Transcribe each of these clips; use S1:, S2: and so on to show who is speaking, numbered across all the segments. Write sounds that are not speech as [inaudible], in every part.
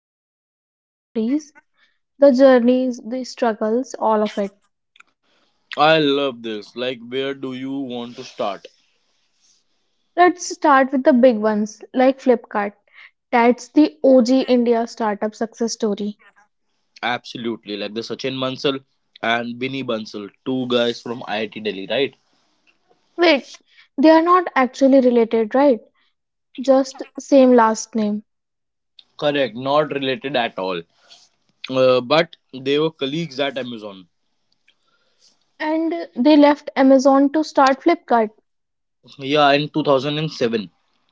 S1: some of these stories, the journeys, the struggles, all of it.
S2: I love this. Like where do you want to start?
S1: Let's start with the big ones like Flipkart. That's the OG India startup success story.
S2: Absolutely. Like the Sachin Bansal and Binny Bansal, two guys from IIT Delhi, right?
S1: Wait, they are not actually related, right? Just same last name.
S2: Correct, not related at all. But they were colleagues at Amazon.
S1: And they left Amazon to start Flipkart.
S2: Yeah, in 2007,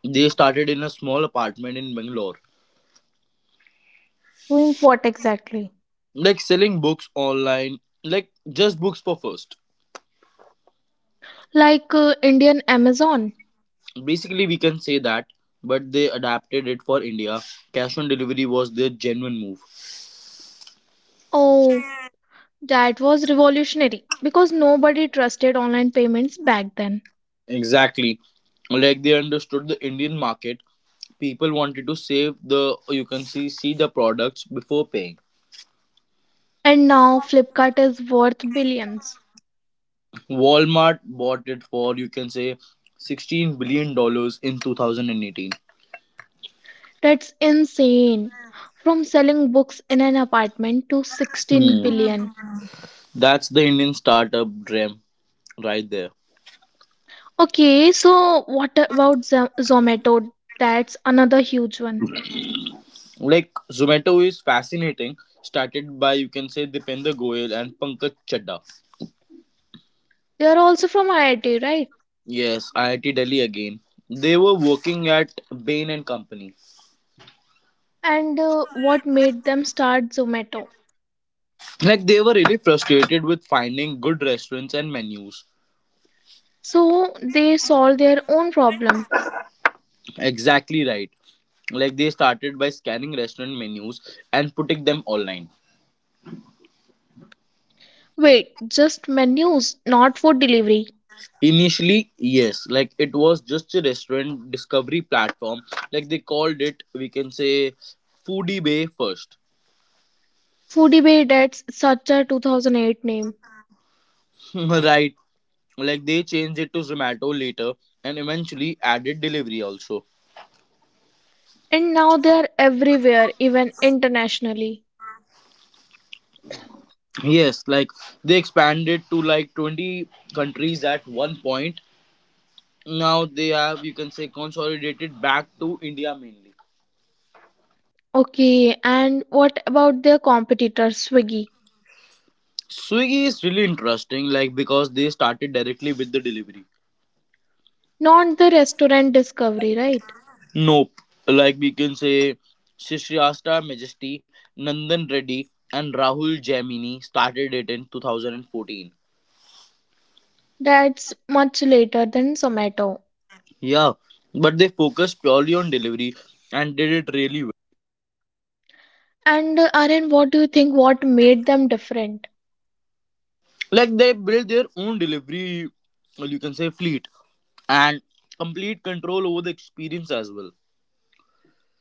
S2: they started in a small apartment in Bangalore,
S1: Doing what exactly?
S2: like selling books online, like just books for first.
S1: Like Indian Amazon.
S2: Basically, we can say that, but they adapted it for India. Cash on delivery was their genuine move.
S1: Oh, that was revolutionary because nobody trusted online payments back then.
S2: Exactly. Like they understood the Indian market. People wanted to save the, you can see the products before paying.
S1: And now Flipkart is worth billions.
S2: Walmart bought it for you can say $16 billion in 2018.
S1: That's insane. From selling books in an apartment to 16
S2: Hmm.
S1: billion.
S2: That's the Indian startup dream right there.
S1: Okay, so what about Zomato? That's another huge one.
S2: Like Zomato is fascinating. Started by you can say Dipender Goyal and Pankaj Chadda.
S1: They are also from IIT, right?
S2: Yes, IIT Delhi again. They were working at Bain and Company.
S1: And What made them start Zomato?
S2: Like they were really frustrated with finding good restaurants and menus.
S1: So they solved their own problem.
S2: Exactly right. Like they started by scanning restaurant menus and putting them online.
S1: Wait, just menus, not food delivery.
S2: Initially, yes, like it was just a restaurant discovery platform. Like they called it, we can say, Foodie Bay first.
S1: Foodibay, that's such a 2008 name.
S2: [laughs] Right. Like they changed it to Zomato later and eventually added delivery also.
S1: And now they are everywhere, even internationally.
S2: Yes, like they expanded to like 20 countries at one point. Now they have, you can say, consolidated back to India mainly.
S1: Okay, and what about their competitor, Swiggy?
S2: Swiggy is really interesting, like because they started directly with the delivery.
S1: Not the restaurant discovery, right?
S2: Nope. Like we can say, Shishriyasta Majesty, Nandan Reddy, and Rahul Jaimini started it in 2014.
S1: That's much later than Zomato.
S2: Yeah, but they focused purely on delivery and did it really well.
S1: And Aryan, what do you think? What made them different?
S2: Like they built their own delivery, well, you can say, fleet and complete control over the experience as well.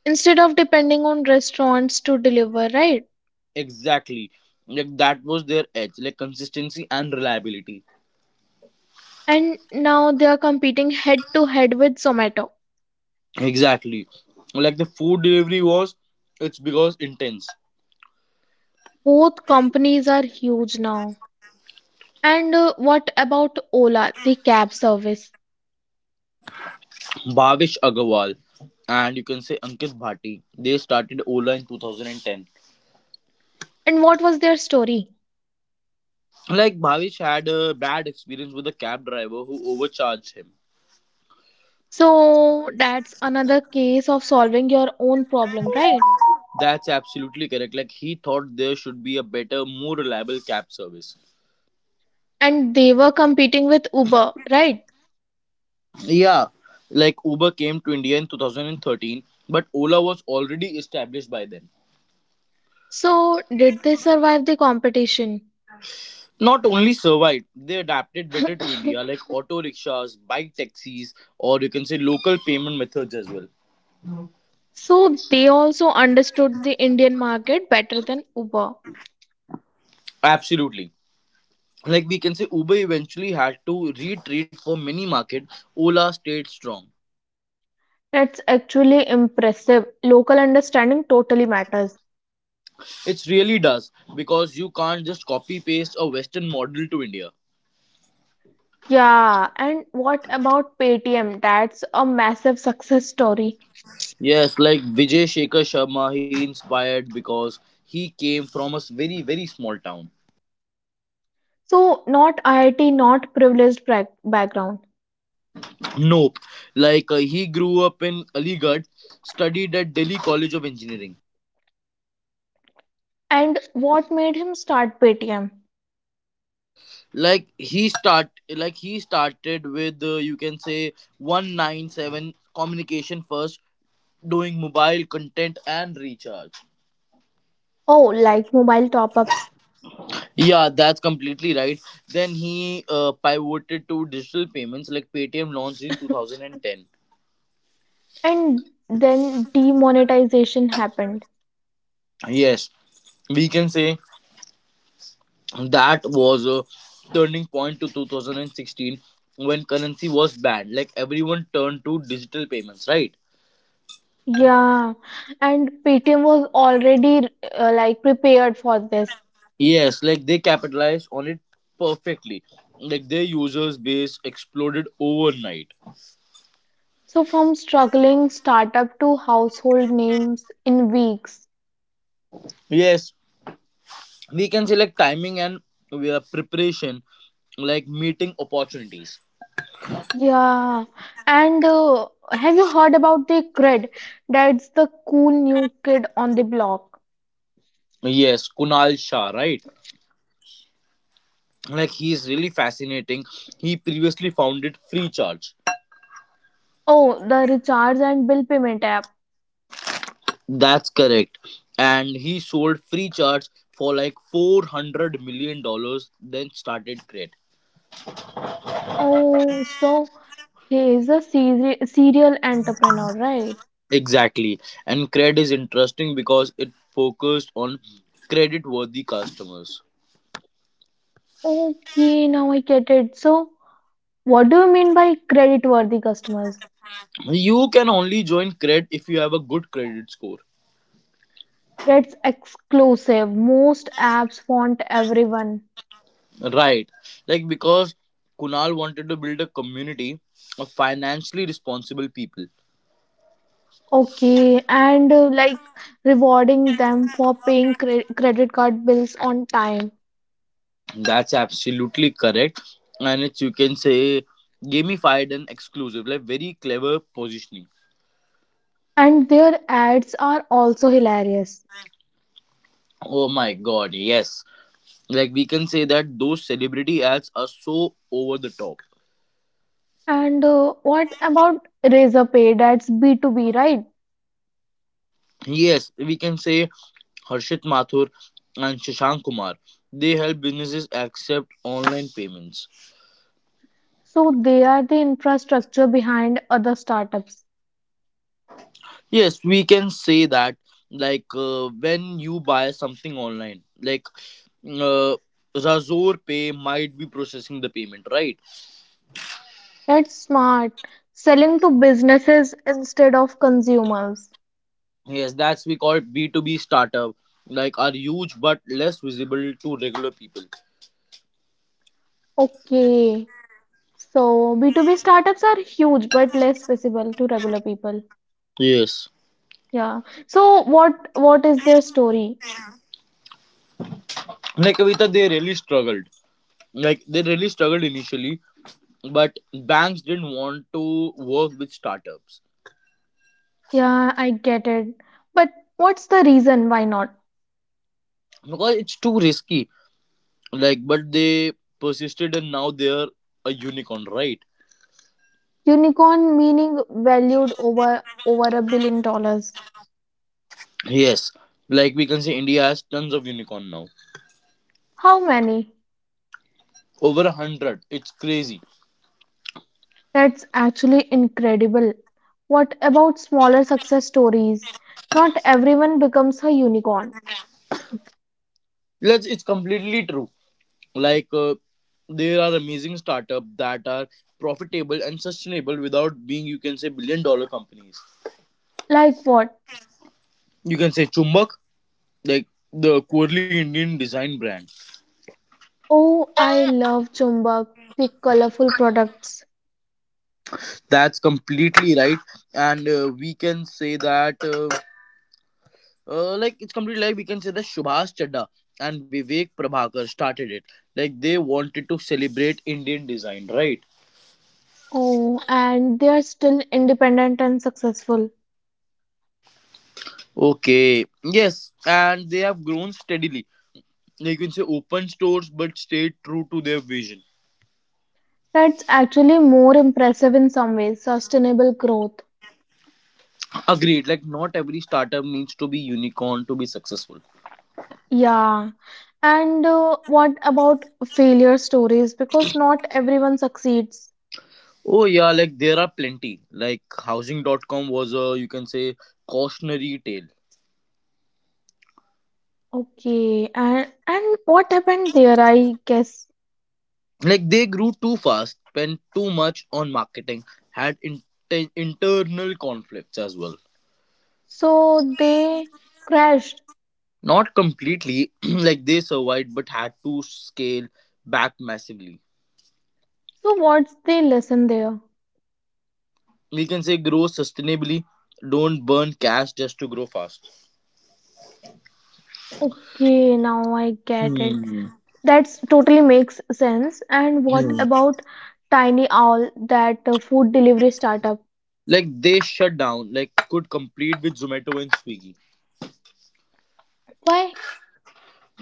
S1: Instead of depending on restaurants to deliver, right?
S2: Exactly. Like that was their edge, like consistency and reliability.
S1: And now they are competing head to head with Zomato.
S2: Exactly. Like the food delivery was, it's because intense.
S1: Both companies are huge now. And What about Ola, the cab service?
S2: Bhavesh Agarwal and you can say Ankit Bhatti. They started Ola in 2010.
S1: And what was their story?
S2: Like Bhavesh had a bad experience with a cab driver who overcharged him.
S1: So that's another case of solving your own problem, right?
S2: That's absolutely correct. Like he thought there should be a better, more reliable cab service.
S1: And they were competing with Uber, right?
S2: Yeah, like Uber came to India in 2013, but Ola was already established by then.
S1: So did they survive the competition?
S2: Not only survived, they adapted better to India,
S1: [coughs]
S2: like auto rickshaws, bike taxis, or you can say local payment methods as well.
S1: So they also understood the Indian market better than Uber.
S2: Absolutely. Like we can say Uber eventually had to retreat for mini market. Ola stayed strong.
S1: That's actually impressive. Local understanding totally matters.
S2: It really does, because you can't just copy paste a western model to India.
S1: Yeah, and what about Paytm? That's a massive success story.
S2: Yes, like Vijay Shekhar Sharma, he inspired because he came from a very very small town.
S1: So not IIT, not privileged background.
S2: Nope. Like he grew up in Aligarh, studied at Delhi College of Engineering.
S1: And what made him start Paytm?
S2: Like he started with you can say 197 communication first, doing mobile content and recharge.
S1: Oh, like mobile top ups.
S2: Yeah, that's completely right. Then he pivoted to digital payments. Like Paytm launched in 2010.
S1: And then demonetization happened.
S2: Yes, we can say that was a turning point to 2016 when currency was banned. Like everyone turned to digital payments, right?
S1: Yeah, and Paytm was already like prepared for this.
S2: Yes, like they capitalized on it perfectly. Like their users base exploded overnight.
S1: So from struggling startup to household names in weeks.
S2: Yes, we can say like timing and we are preparation, like meeting opportunities.
S1: Yeah, and have you heard about the cred? That's the cool new kid on the block.
S2: Yes, Kunal Shah, right? Like he is really fascinating. He previously founded Free Charge.
S1: Oh, the recharge and bill payment app.
S2: That's correct. And he sold Free Charge for like $400 million, then started Crate.
S1: Oh, so he is a serial entrepreneur, right?
S2: Exactly. And cred is interesting because it focused on credit worthy customers.
S1: Okay, now I get it. So, what do you mean by credit-worthy customers?
S2: You can only join cred if you have a good credit score.
S1: That's exclusive. Most apps want everyone.
S2: Right. Like because Kunal wanted to build a community of financially responsible people.
S1: Okay, and like rewarding them for paying credit card bills on time.
S2: That's absolutely correct. And it's you can say gamified and exclusive, like very clever positioning.
S1: And their ads are also hilarious.
S2: Oh my god, yes. Like we can say that those celebrity ads are so over the top.
S1: And What about Razorpay? That's B2B, right?
S2: Yes, we can say Harshit Mathur and Shashank Kumar. They help businesses accept online payments.
S1: So they are the infrastructure behind other startups.
S2: Yes, we can say that, like when you buy something online, like uh, Razor Pay might be processing the payment, right?
S1: That's smart. Selling to businesses instead of consumers.
S2: Yes, that's we call B2B startup, like are huge but less visible to regular people.
S1: Okay. So B2B startups are huge but less visible to regular people.
S2: Yes.
S1: Yeah. So what is their story?
S2: Like Kavita, they really struggled. Like they really struggled initially, but banks didn't want to work with startups
S1: Yeah, I get it. But what's the reason why not?
S2: because it's too risky. Like, but they persisted, and now they're a unicorn, right?
S1: Unicorn meaning valued over $1 billion.
S2: Yes, like we can say India has tons of unicorn now.
S1: How many?
S2: Over a hundred, it's crazy.
S1: That's actually incredible. What about smaller success stories? Not everyone becomes a unicorn.
S2: Let's it's completely true. Like there are amazing startup that are profitable and sustainable without being you can say billion dollar companies.
S1: Like what?
S2: You can say Chumbak, like the quirly Indian design brand.
S1: Oh, I love Chumbak, the colorful products.
S2: That's completely right, and we can say that, like it's completely like we can say that Subhash Chadda and Vivek Prabhakar started it. Like they wanted to celebrate Indian design, right?
S1: Oh, and they are still independent and successful.
S2: Okay, yes, and they have grown steadily. Like you can say open stores, but stayed true to their vision.
S1: That's actually more impressive in some ways, sustainable growth.
S2: Agreed. Like not every startup needs to be unicorn to be successful.
S1: Yeah. And What about failure stories? Because not everyone succeeds.
S2: Oh yeah, like there are plenty. Like Housing.com was a you can say cautionary tale.
S1: Okay. And what happened there, I guess?
S2: Like they grew too fast, spent too much on marketing, had internal conflicts as well.
S1: So they crashed.
S2: Not completely, [clears throat] like they survived, but had to scale back massively.
S1: So what's the lesson there?
S2: We can say grow sustainably. Don't burn cash just to grow fast.
S1: Okay, now I get it.
S2: Hmm.
S1: That's totally makes sense. And what
S2: Hmm.
S1: about Tiny Owl, that food delivery startup?
S2: Like they shut down, like could compete with Zomato and Swiggy
S1: Why?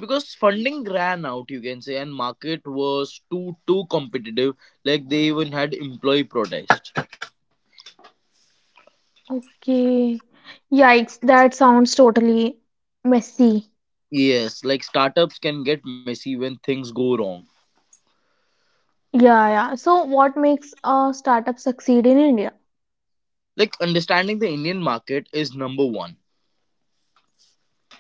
S2: because funding ran out, you can say, and market was too competitive. Like they even had employee protest.
S1: Okay. Yikes, that sounds totally messy.
S2: Yes, like startups can get messy when things go wrong.
S1: Yeah, yeah. So what makes a startup succeed in India?
S2: Like understanding the Indian market is number one.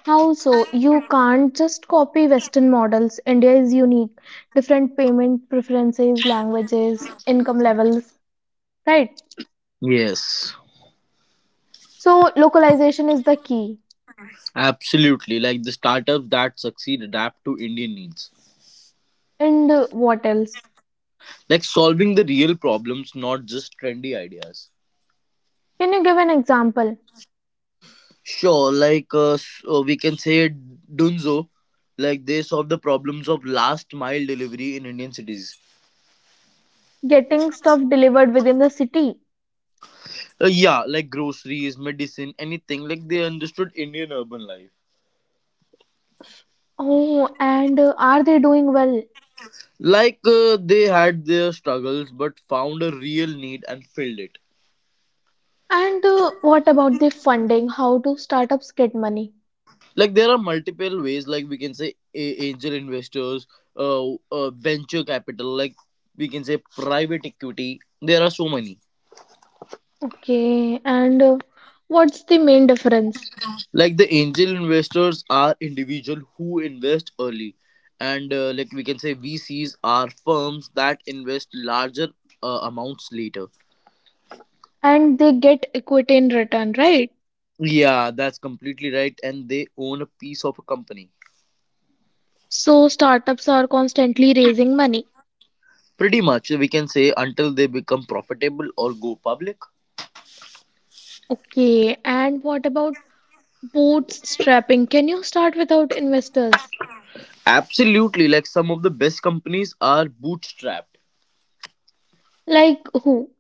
S1: How so? You can't just copy Western models. India is unique. Different payment preferences, languages, income levels, right?
S2: Yes,
S1: So, localization is the key.
S2: absolutely. Like the startups that succeed adapt to Indian needs.
S1: And What else?
S2: Like solving the real problems, not just trendy ideas.
S1: Can you give an example?
S2: Sure, like so we can say Dunzo, like they solve the problems of last mile delivery in Indian cities.
S1: Getting stuff delivered within the city.
S2: Yeah, like groceries, medicine, anything. Like they understood Indian urban life.
S1: Oh, and are they doing well?
S2: Like they had their struggles but found a real need and filled it.
S1: And What about the funding? How do startups get money?
S2: Like there are multiple ways, like we can say angel investors, venture capital, like we can say private equity. There are so many.
S1: Okay, and what's the main difference?
S2: Like the angel investors are individual who invest early, and like we can say VCs are firms that invest larger amounts later.
S1: And they get equity in return, right?
S2: Yeah, that's completely right, and they own a piece of a company.
S1: So startups are constantly raising money.
S2: Pretty much, we can say, until they become profitable or go public.
S1: Okay, and what about bootstrapping? Can you start without investors?
S2: Absolutely, like some of the best companies are bootstrapped.
S1: Like who?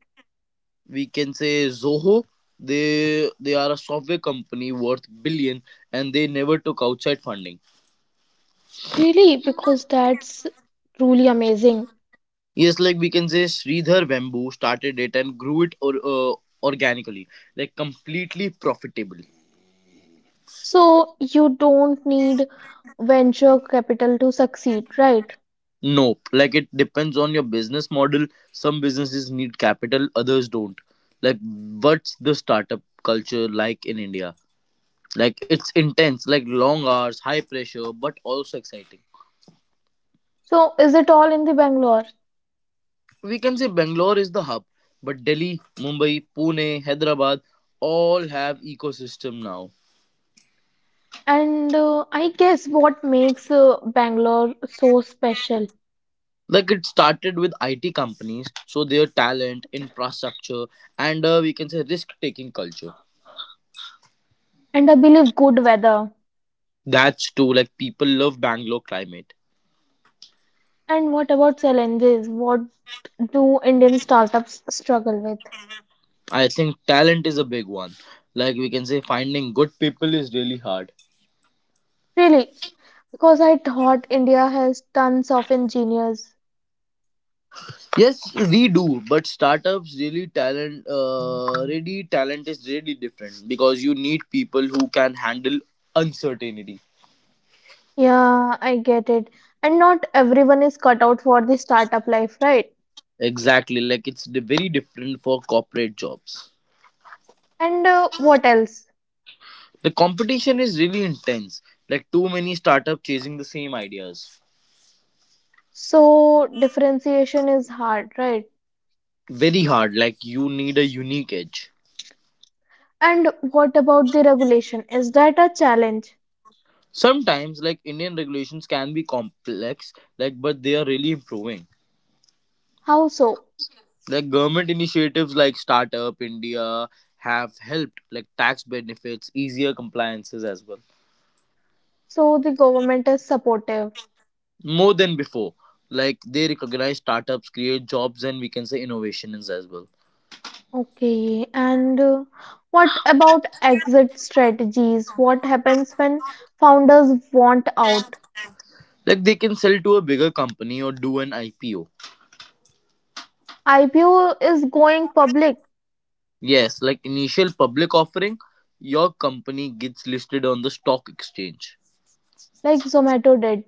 S2: We can say Zoho, they are a software company worth billion and they never took outside funding.
S1: Really? Because that's truly amazing.
S2: Yes, like we can say Sridhar Bamboo started it and grew it or organically, like completely profitable.
S1: So you don't need venture capital to succeed, right?
S2: Nope. Like it depends on your business model. Some businesses need capital, others don't. Like what's the startup culture like in India? Like it's intense, like long hours, high pressure, but also exciting.
S1: So is it all in the Bangalore?
S2: We can say Bangalore is the hub, but Delhi, Mumbai, Pune, Hyderabad all have ecosystem now.
S1: And I guess what makes Bangalore so special?
S2: Like it started with IT companies, so their talent, infrastructure, and we can say risk taking culture.
S1: And I believe good weather.
S2: That's too, like people love Bangalore climate.
S1: And what about challenges? What do Indian startups struggle with?
S2: I think talent is a big one. Like we can say, finding good people is really hard.
S1: Really, because I thought India has tons of engineers.
S2: Yes, we do, but startups really talent is really different because you need people who can handle uncertainty.
S1: Yeah, I get it. And not everyone is cut out for the startup life, right?
S2: Exactly, like it's very different for corporate jobs.
S1: And What else?
S2: The competition is really intense. Like too many startup chasing the same ideas.
S1: So, differentiation is hard, right?
S2: Very hard. Like you need a unique edge.
S1: And what about the regulation? Is that a challenge?
S2: Sometimes, like Indian regulations can be complex, like but they are really improving.
S1: How so?
S2: Like government initiatives like Startup India have helped, like tax benefits, easier compliances as well.
S1: So, the government is supportive.
S2: More than before, like they recognize startups create jobs and we can say innovations as well.
S1: Okay, and what about exit strategies? What happens when founders want out?
S2: Like they can sell to a bigger company or do an IPO.
S1: IPO is going public
S2: Yes, like initial public offering, your company gets listed on the stock exchange.
S1: like Zomato did,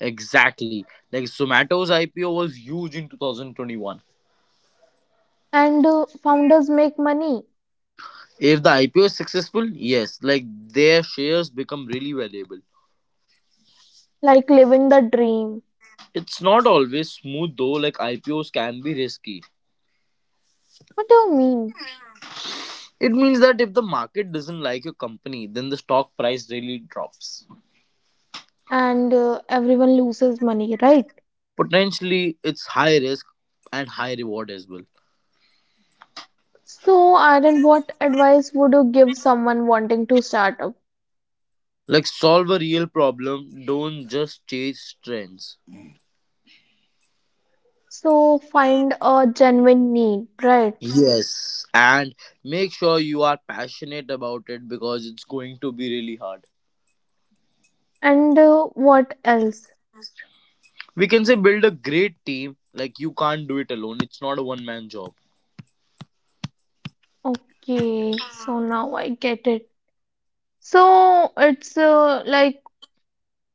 S2: Exactly, like Zomato's IPO was huge in 2021.
S1: and founders make money
S2: If the IPO is successful, yes, like their shares become really valuable.
S1: like living the dream.
S2: It's not always smooth though, like IPOs can be risky.
S1: What do you mean?
S2: It means that if the market doesn't like your company, then the stock price really drops.
S1: And everyone loses money, right?
S2: Potentially, it's high risk and high reward as well.
S1: So, Aaron, what advice would you give someone wanting to start up?
S2: Like, solve a real problem, don't just chase trends.
S1: So, find a genuine need, right?
S2: Yes, and make sure you are passionate about it because it's going to be really hard.
S1: And What else?
S2: We can say build a great team, like, you can't do it alone, it's not a one man job.
S1: Okay, so now I get it. So it's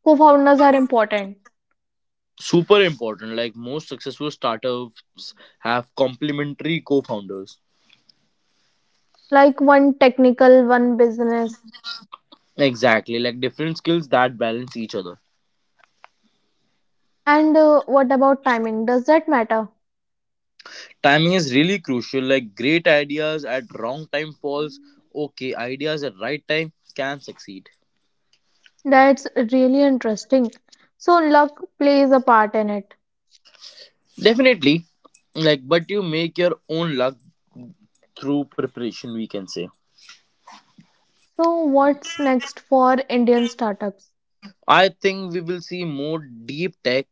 S1: co-founders are important,
S2: Super important. Like most successful startups have complementary co founders.
S1: like one technical, one business.
S2: Exactly. Like different skills that balance each other.
S1: And What about timing? Does that matter?
S2: Timing is really crucial. Like great ideas at wrong time falls. Okay, ideas at right time can succeed.
S1: That's really interesting. So luck plays a part in it.
S2: Definitely. Like, but you make your own luck through preparation, we can say.
S1: So what's next for Indian startups?
S2: I think we will see more deep tech,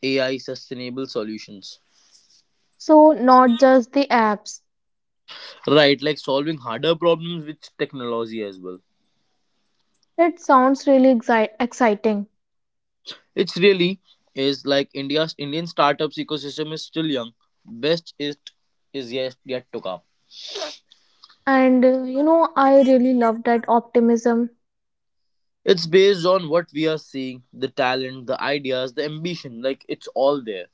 S2: AI, sustainable solutions.
S1: So not just the apps.
S2: Right, like solving harder problems with technology as well.
S1: That sounds really exciting.
S2: It's really is like India's Indian startups ecosystem is still young. Best it is yet to come.
S1: I really love that optimism.
S2: It's based on what we are seeing, the talent, the ideas, the ambition. Like it's all there.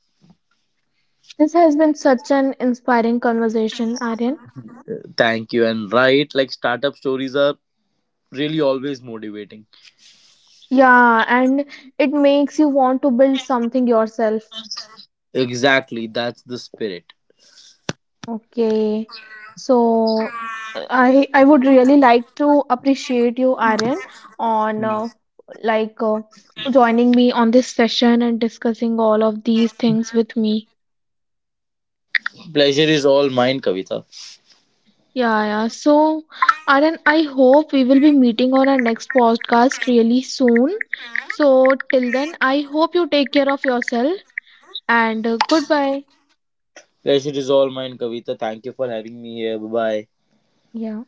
S1: This has been such an inspiring conversation, Aryan.
S2: Thank you, and right, like startup stories are really always motivating.
S1: Yeah, and it makes you want to build something yourself.
S2: Exactly, that's the spirit.
S1: Okay. So I would really like to appreciate you, Aryan, on like uh, joining me on this session and discussing all of these things with me.
S2: Pleasure is all mine, Kavita.
S1: Yeah, yeah. So, Aryan, I hope we will be meeting on our next podcast really soon. So, till then, I hope you take care of yourself. And goodbye.
S2: Pleasure is all mine, Kavita. Thank you for having me here. Bye bye.
S1: Yeah.